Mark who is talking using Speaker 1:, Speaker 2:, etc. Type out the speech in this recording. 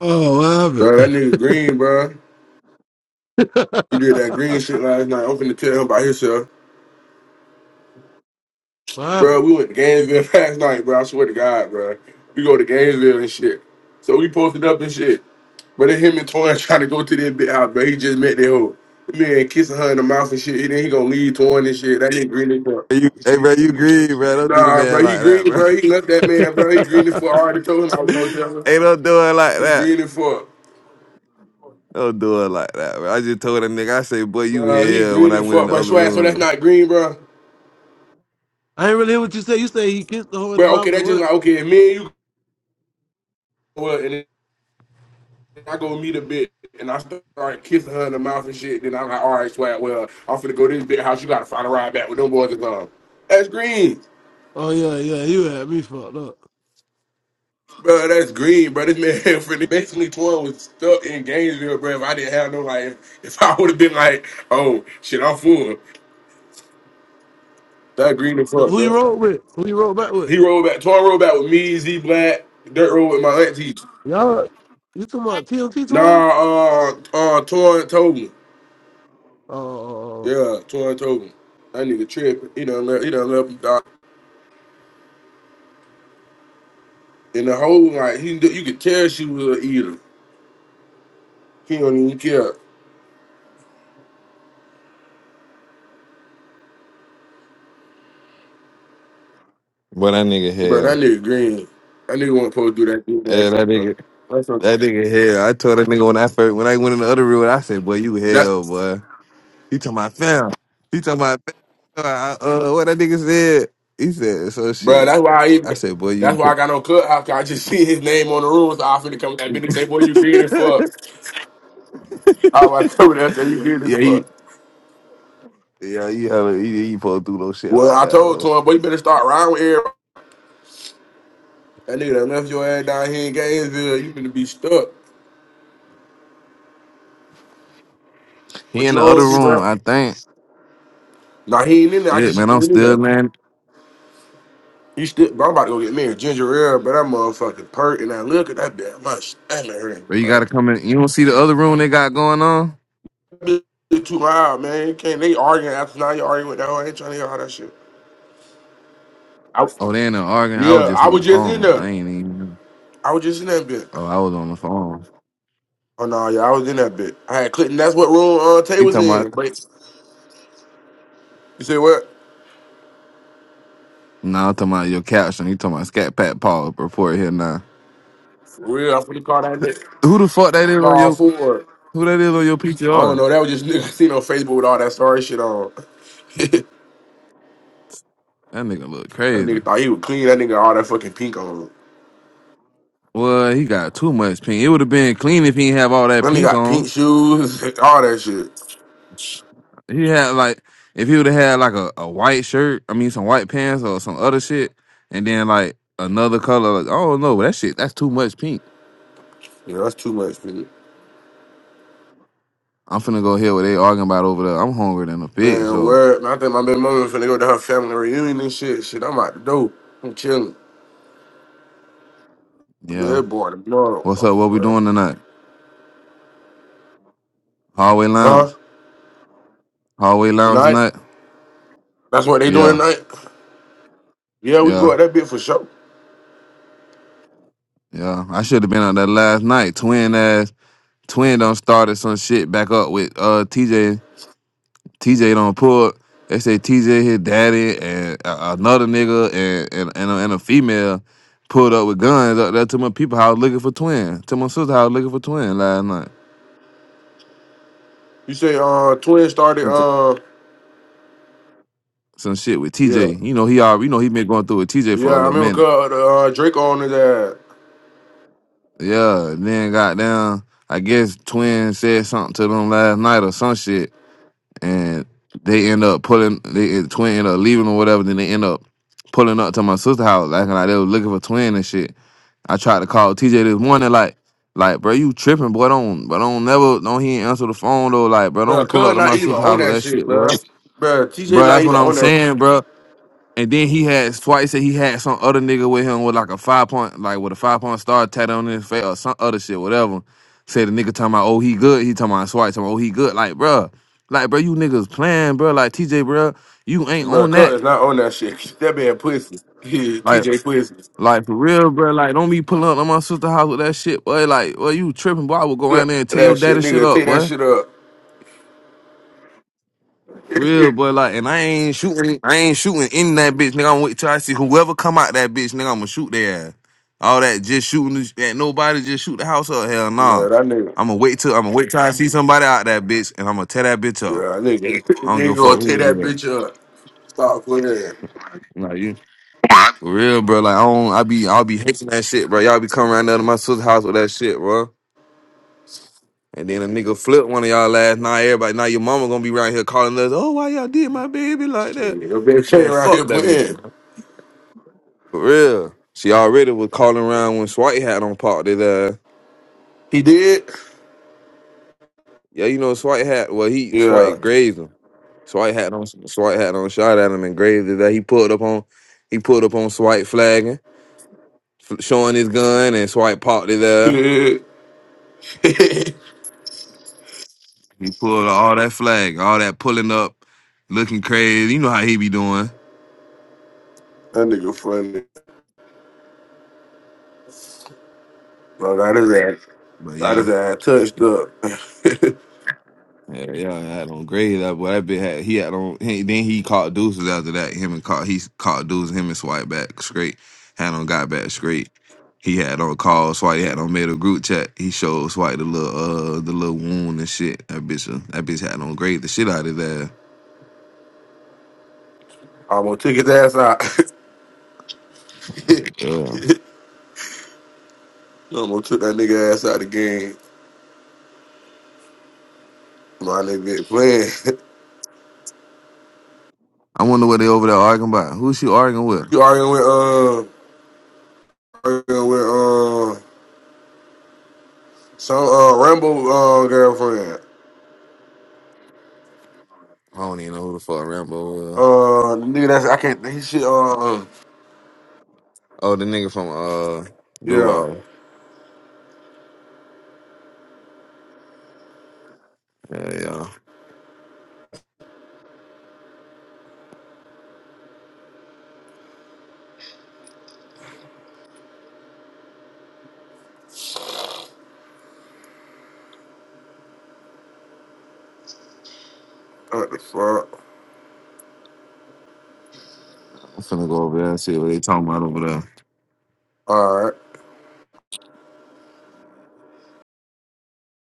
Speaker 1: Oh,
Speaker 2: Bro, that nigga Green, bro.
Speaker 1: what
Speaker 2: He did that Green
Speaker 1: happened?
Speaker 2: shit last night. I'm finna tell him about himself.
Speaker 1: what
Speaker 2: Bro,
Speaker 1: happened?
Speaker 2: we went to Gainesville last night, bro. I swear to God, bro. We go to Gainesville and shit. So we posted up and shit. But then him and Toyin trying to go to this big house, bro. He just met their hoe. The Man, kissing her in the mouth and shit. And then he gonna leave Toyin and shit. That nigga Green is up.
Speaker 3: You, hey, bro, you green, bro. Don't do the
Speaker 2: Nah,
Speaker 3: man
Speaker 2: bro, he
Speaker 3: like that,
Speaker 2: green, bro.
Speaker 3: bro.
Speaker 2: He left that man, bro. He green it for. I already told him I was gonna tell him.
Speaker 3: hey, don't do it like
Speaker 2: He
Speaker 3: that.
Speaker 2: green it for,
Speaker 3: Don't do it like that, bro. I just told that nigga, I say, boy, you
Speaker 2: bro. He
Speaker 3: hell when
Speaker 2: green
Speaker 3: I
Speaker 2: it
Speaker 3: went in
Speaker 2: for,
Speaker 3: the
Speaker 2: bro.
Speaker 3: other
Speaker 2: Swag, so that's
Speaker 3: room.
Speaker 2: not green, bro.
Speaker 1: I ain't really hear what you say. You say he kissed the hoe in the
Speaker 2: Bro, okay,
Speaker 1: mouth
Speaker 2: that's
Speaker 1: and
Speaker 2: just
Speaker 1: what?
Speaker 2: like okay, me and you. What? I go meet a bitch and I start kissing her in the mouth and shit. Then I'm like, all right, swag. Well, I'm finna go to this big house. You gotta find a ride back with them boys and gone. That's green,
Speaker 1: Oh yeah, yeah, you had me fucked up.
Speaker 2: bro. That's green, bro. This man finna basically twelve was stuck in Gainesville, bro. If I didn't have no like, if, if I would have been like, oh shit, I'm full. That green as
Speaker 1: Who
Speaker 2: fuck,
Speaker 1: who
Speaker 2: bro.
Speaker 1: you rode with? Who you rode back with?
Speaker 2: He rolled back. Torn rolled back with me, Z Black, Dirt rolled with my auntie.
Speaker 1: Y'all, you talking about TMT
Speaker 2: Nah,
Speaker 1: tour?
Speaker 2: uh, uh, Torn told me.
Speaker 1: Oh, oh, oh, oh.
Speaker 2: Yeah, Torn told me. That nigga tripping. He done left. He done left. And the whole like he, you could tell she was a eater. He don't even care,
Speaker 3: Boy, that nigga
Speaker 2: bro. That
Speaker 3: hell.
Speaker 2: nigga green. That nigga wasn't supposed to do that do that
Speaker 3: Hey, that
Speaker 2: shit, bro.
Speaker 3: nigga,
Speaker 2: That's a,
Speaker 3: that nigga hell. I told that nigga when I first, when I went in the other room, I said, boy, you
Speaker 2: that,
Speaker 3: hell, boy. He talking about fam. He talking about fam. I- Uh, what that nigga said? He said, so
Speaker 2: bro.
Speaker 3: shit.
Speaker 2: That's why he.
Speaker 3: I said, boy,
Speaker 2: That's
Speaker 3: you.
Speaker 2: why I got no clubhouse. 'cause I just see his name on the room, so I finna come with that bitch and say, "Boy, you green as fuck." I was coming there and say, "You green as
Speaker 3: yeah, he,
Speaker 2: fuck."
Speaker 3: yeah, you, hella- he, he supposed to do no shit
Speaker 2: Well,
Speaker 3: like
Speaker 2: I
Speaker 3: that,
Speaker 2: told
Speaker 3: though.
Speaker 2: to him, "Boy, you better start riding with everybody." That nigga done left your ass down here in Gainesville. You finna be stuck.
Speaker 3: He
Speaker 2: What
Speaker 3: in
Speaker 2: you
Speaker 3: the other
Speaker 2: on,
Speaker 3: room,
Speaker 2: bro?
Speaker 3: I think.
Speaker 2: Nah, he ain't in there. I
Speaker 3: Shit, man,
Speaker 2: just
Speaker 3: I'm
Speaker 2: went in
Speaker 3: still
Speaker 2: there.
Speaker 3: man.
Speaker 2: You still, bro, I'm about to go get me a ginger ale, but that motherfucking perk and I look at that damn much. Damn
Speaker 3: But
Speaker 2: it,
Speaker 3: you
Speaker 2: bro.
Speaker 3: gotta come in. You don't see the other room they got going on?
Speaker 2: That bitch too loud, man. Can't they arguing after now? You arguing with that hoe? I ain't trying to hear all that shit. I, was-
Speaker 3: Oh, they in there arguing. I was
Speaker 2: yeah,
Speaker 3: just
Speaker 2: I
Speaker 3: on
Speaker 2: was
Speaker 3: the
Speaker 2: just in
Speaker 3: phone. I
Speaker 2: there.
Speaker 3: ain't even.
Speaker 2: I was just in that bit.
Speaker 3: Oh, I was on the phone.
Speaker 2: Oh no, yeah, I was in that bit. I had Clinton. That's what room uh, Tay
Speaker 3: He
Speaker 2: was
Speaker 3: talking about.
Speaker 2: in. But you say what?
Speaker 3: Nah, I'm talking about your caption. He talking about Scat Pat Paul report here now.
Speaker 2: For real, I'm finna call that nigga
Speaker 3: Who the fuck that is on
Speaker 2: Paul
Speaker 3: your?
Speaker 2: Ford.
Speaker 3: Who that is on your
Speaker 2: I don't
Speaker 3: PTR?
Speaker 2: know. That was just nigga I seen on Facebook with all that sorry shit on. that
Speaker 3: That nigga look crazy.
Speaker 2: nigga thought he was clean. That nigga all that fucking pink on.
Speaker 3: Well, he got too much pink. It would have been clean if he didn't have all that
Speaker 2: Really
Speaker 3: pink
Speaker 2: got
Speaker 3: on.
Speaker 2: pink shoes, all that shit.
Speaker 3: He had like if he would have had like a, a white shirt, I mean some white pants or some other shit, and then like another color, like, oh no, that shit that's too much pink.
Speaker 2: Yeah, that's too much, nigga.
Speaker 3: I'm finna go hear what they arguing about over there. I'm hungry than a bitch,
Speaker 2: Man,
Speaker 3: so
Speaker 2: word. Man, I think my baby mama finna go to her family reunion and shit. Shit, I'm out the door. I'm chilling.
Speaker 3: yeah.
Speaker 2: Good boy, tomorrow.
Speaker 3: What's
Speaker 2: Oh,
Speaker 3: up? What we
Speaker 2: well.
Speaker 3: doing tonight? Hallway lounge?
Speaker 2: Huh?
Speaker 3: Hallway lounge
Speaker 2: Tonight?
Speaker 3: tonight?
Speaker 2: That's what they doing
Speaker 3: Yeah,
Speaker 2: tonight? Yeah, we go
Speaker 3: yeah,
Speaker 2: at that bit for sure.
Speaker 3: yeah. I should have been on that last night. Twin ass twin done started some shit back up with uh TJ. TJ don't pull. They say TJ his daddy and a- another nigga and and and a, and a female pulled up with guns up there to my people house looking for twin. To my sister house looking for twin last night.
Speaker 2: You say, uh, Twin started,
Speaker 3: Okay.
Speaker 2: uh,
Speaker 3: Some shit with
Speaker 2: yeah.
Speaker 3: TJ. You know he all you know he been going through with TJ for
Speaker 2: Yeah,
Speaker 3: a
Speaker 2: I
Speaker 3: little
Speaker 2: remember cuz,
Speaker 3: minute.
Speaker 2: uh, Drake on his ass.
Speaker 3: Yeah. and Then got down. I guess twin said something to them last night or some shit, and they end up pulling. They twin end up leaving or whatever. Then they end up pulling up to my sister house acting like they was looking for twin and shit. I tried to call TJ this morning, like, like, bro, you tripping, boy. Don't, but don't never, don't he ain't answer the phone though. Like, bro,
Speaker 2: Bro,
Speaker 3: don't pull up
Speaker 2: cuz
Speaker 3: to
Speaker 2: not
Speaker 3: my
Speaker 2: even
Speaker 3: sister's
Speaker 2: on
Speaker 3: house with
Speaker 2: that
Speaker 3: that
Speaker 2: shit,
Speaker 3: shit,
Speaker 2: bro.
Speaker 3: bro.
Speaker 2: Bro, TJ
Speaker 3: Bro,
Speaker 2: not
Speaker 3: that's what
Speaker 2: even
Speaker 3: I'm
Speaker 2: on that.
Speaker 3: saying, bro. And then he had twice said he had some other nigga with him with like a five point, like with a five point star tattoo on his face or some other shit, whatever. Said the nigga talking about, oh, he good. He talking about Swipe, talking about, oh, he good. Like, bro, like, bro, you niggas playing, bro. Like, TJ, bro, you ain't
Speaker 2: Bro,
Speaker 3: on
Speaker 2: cuz
Speaker 3: that.
Speaker 2: is not on that shit. That man pussy.
Speaker 3: Like,
Speaker 2: TJ pussy.
Speaker 3: Like for real, bro. Like don't be pulling up on my sister's house with that shit, boy. Like, well, you tripping, boy. I would go around
Speaker 2: Look
Speaker 3: there and
Speaker 2: at
Speaker 3: tear your
Speaker 2: that shit,
Speaker 3: daddy shit
Speaker 2: nigga.
Speaker 3: up,
Speaker 2: Take that
Speaker 3: boy.
Speaker 2: shit up. yeah,
Speaker 3: Real, boy. Like, and I ain't shooting. I ain't shooting in that bitch, nigga. I'm wait till I see whoever come out that bitch, nigga. I'ma shoot their ass. All that just shooting this- at nobody, just shoot the house up. Hell nah.
Speaker 2: that nigga.
Speaker 3: I'ma wait till I'ma wait till I see somebody out that bitch, and I'ma tear that bitch up.
Speaker 2: Yeah, that nigga.
Speaker 3: I don't give a
Speaker 2: nigga gonna
Speaker 3: fuck who
Speaker 2: take
Speaker 3: it
Speaker 2: that
Speaker 3: is.
Speaker 2: bitch up. Stop playing.
Speaker 3: Like you. For real, bro. Like I don't. I be. I'll be hating that shit, bro. Y'all be coming around there to my sister's house with that shit, bro. And then a nigga flipped one of y'all last night. Everybody, now your mama gonna be around here calling us, oh, why y'all did my baby like
Speaker 2: Shit,
Speaker 3: that?
Speaker 2: Your bitch came
Speaker 3: Man,
Speaker 2: around
Speaker 3: fuck
Speaker 2: here
Speaker 3: that nigga.
Speaker 2: playing.
Speaker 3: man. For real. She already was calling around when Swite had on parked his ass.
Speaker 2: He did?
Speaker 3: Yeah, you know Swite had, well, he,
Speaker 2: Yeah.
Speaker 3: Swite grazed him. Swite had on, Swite had on shot at him and grazed his ass. He pulled up on, he pulled up on Swite flagging, f- showing his gun and Swite parked his ass.
Speaker 2: Shit. that
Speaker 3: He pulled all that flag, all that pulling up, looking crazy. You know how he be doing.
Speaker 2: nigga funny. Bro, got his ass.
Speaker 3: But
Speaker 2: Got
Speaker 3: yeah.
Speaker 2: his ass touched up.
Speaker 3: Yeah, yeah, I had on grade that boy. That bitch had he had on. He, then he caught deuces after that. Him and caught he caught deuces. Him and swipe back straight. Had on got back straight. He had on call swipe. He had on made a group chat. He showed swipe the little uh the little wound and shit. That bitch uh, that bitch had on grade the shit out of that.
Speaker 2: Almost took his ass out.
Speaker 3: Yeah,
Speaker 2: Almost took that nigga ass out of the game. My nigga been playing.
Speaker 3: I wonder what they over there arguing about. Who she arguing with?
Speaker 2: you arguing with, uh, arguing with, uh, some, uh, Rambo, uh, girlfriend.
Speaker 3: I don't even know who the fuck Rambo. Uh,
Speaker 2: Uh, nigga, that's I can't. He shit. Uh,
Speaker 3: oh, the nigga from uh
Speaker 2: yeah.
Speaker 3: Duval. Yeah, yeah.
Speaker 2: What the fuck?
Speaker 3: I'm finna go over there and see what they talking about over there.
Speaker 2: All right.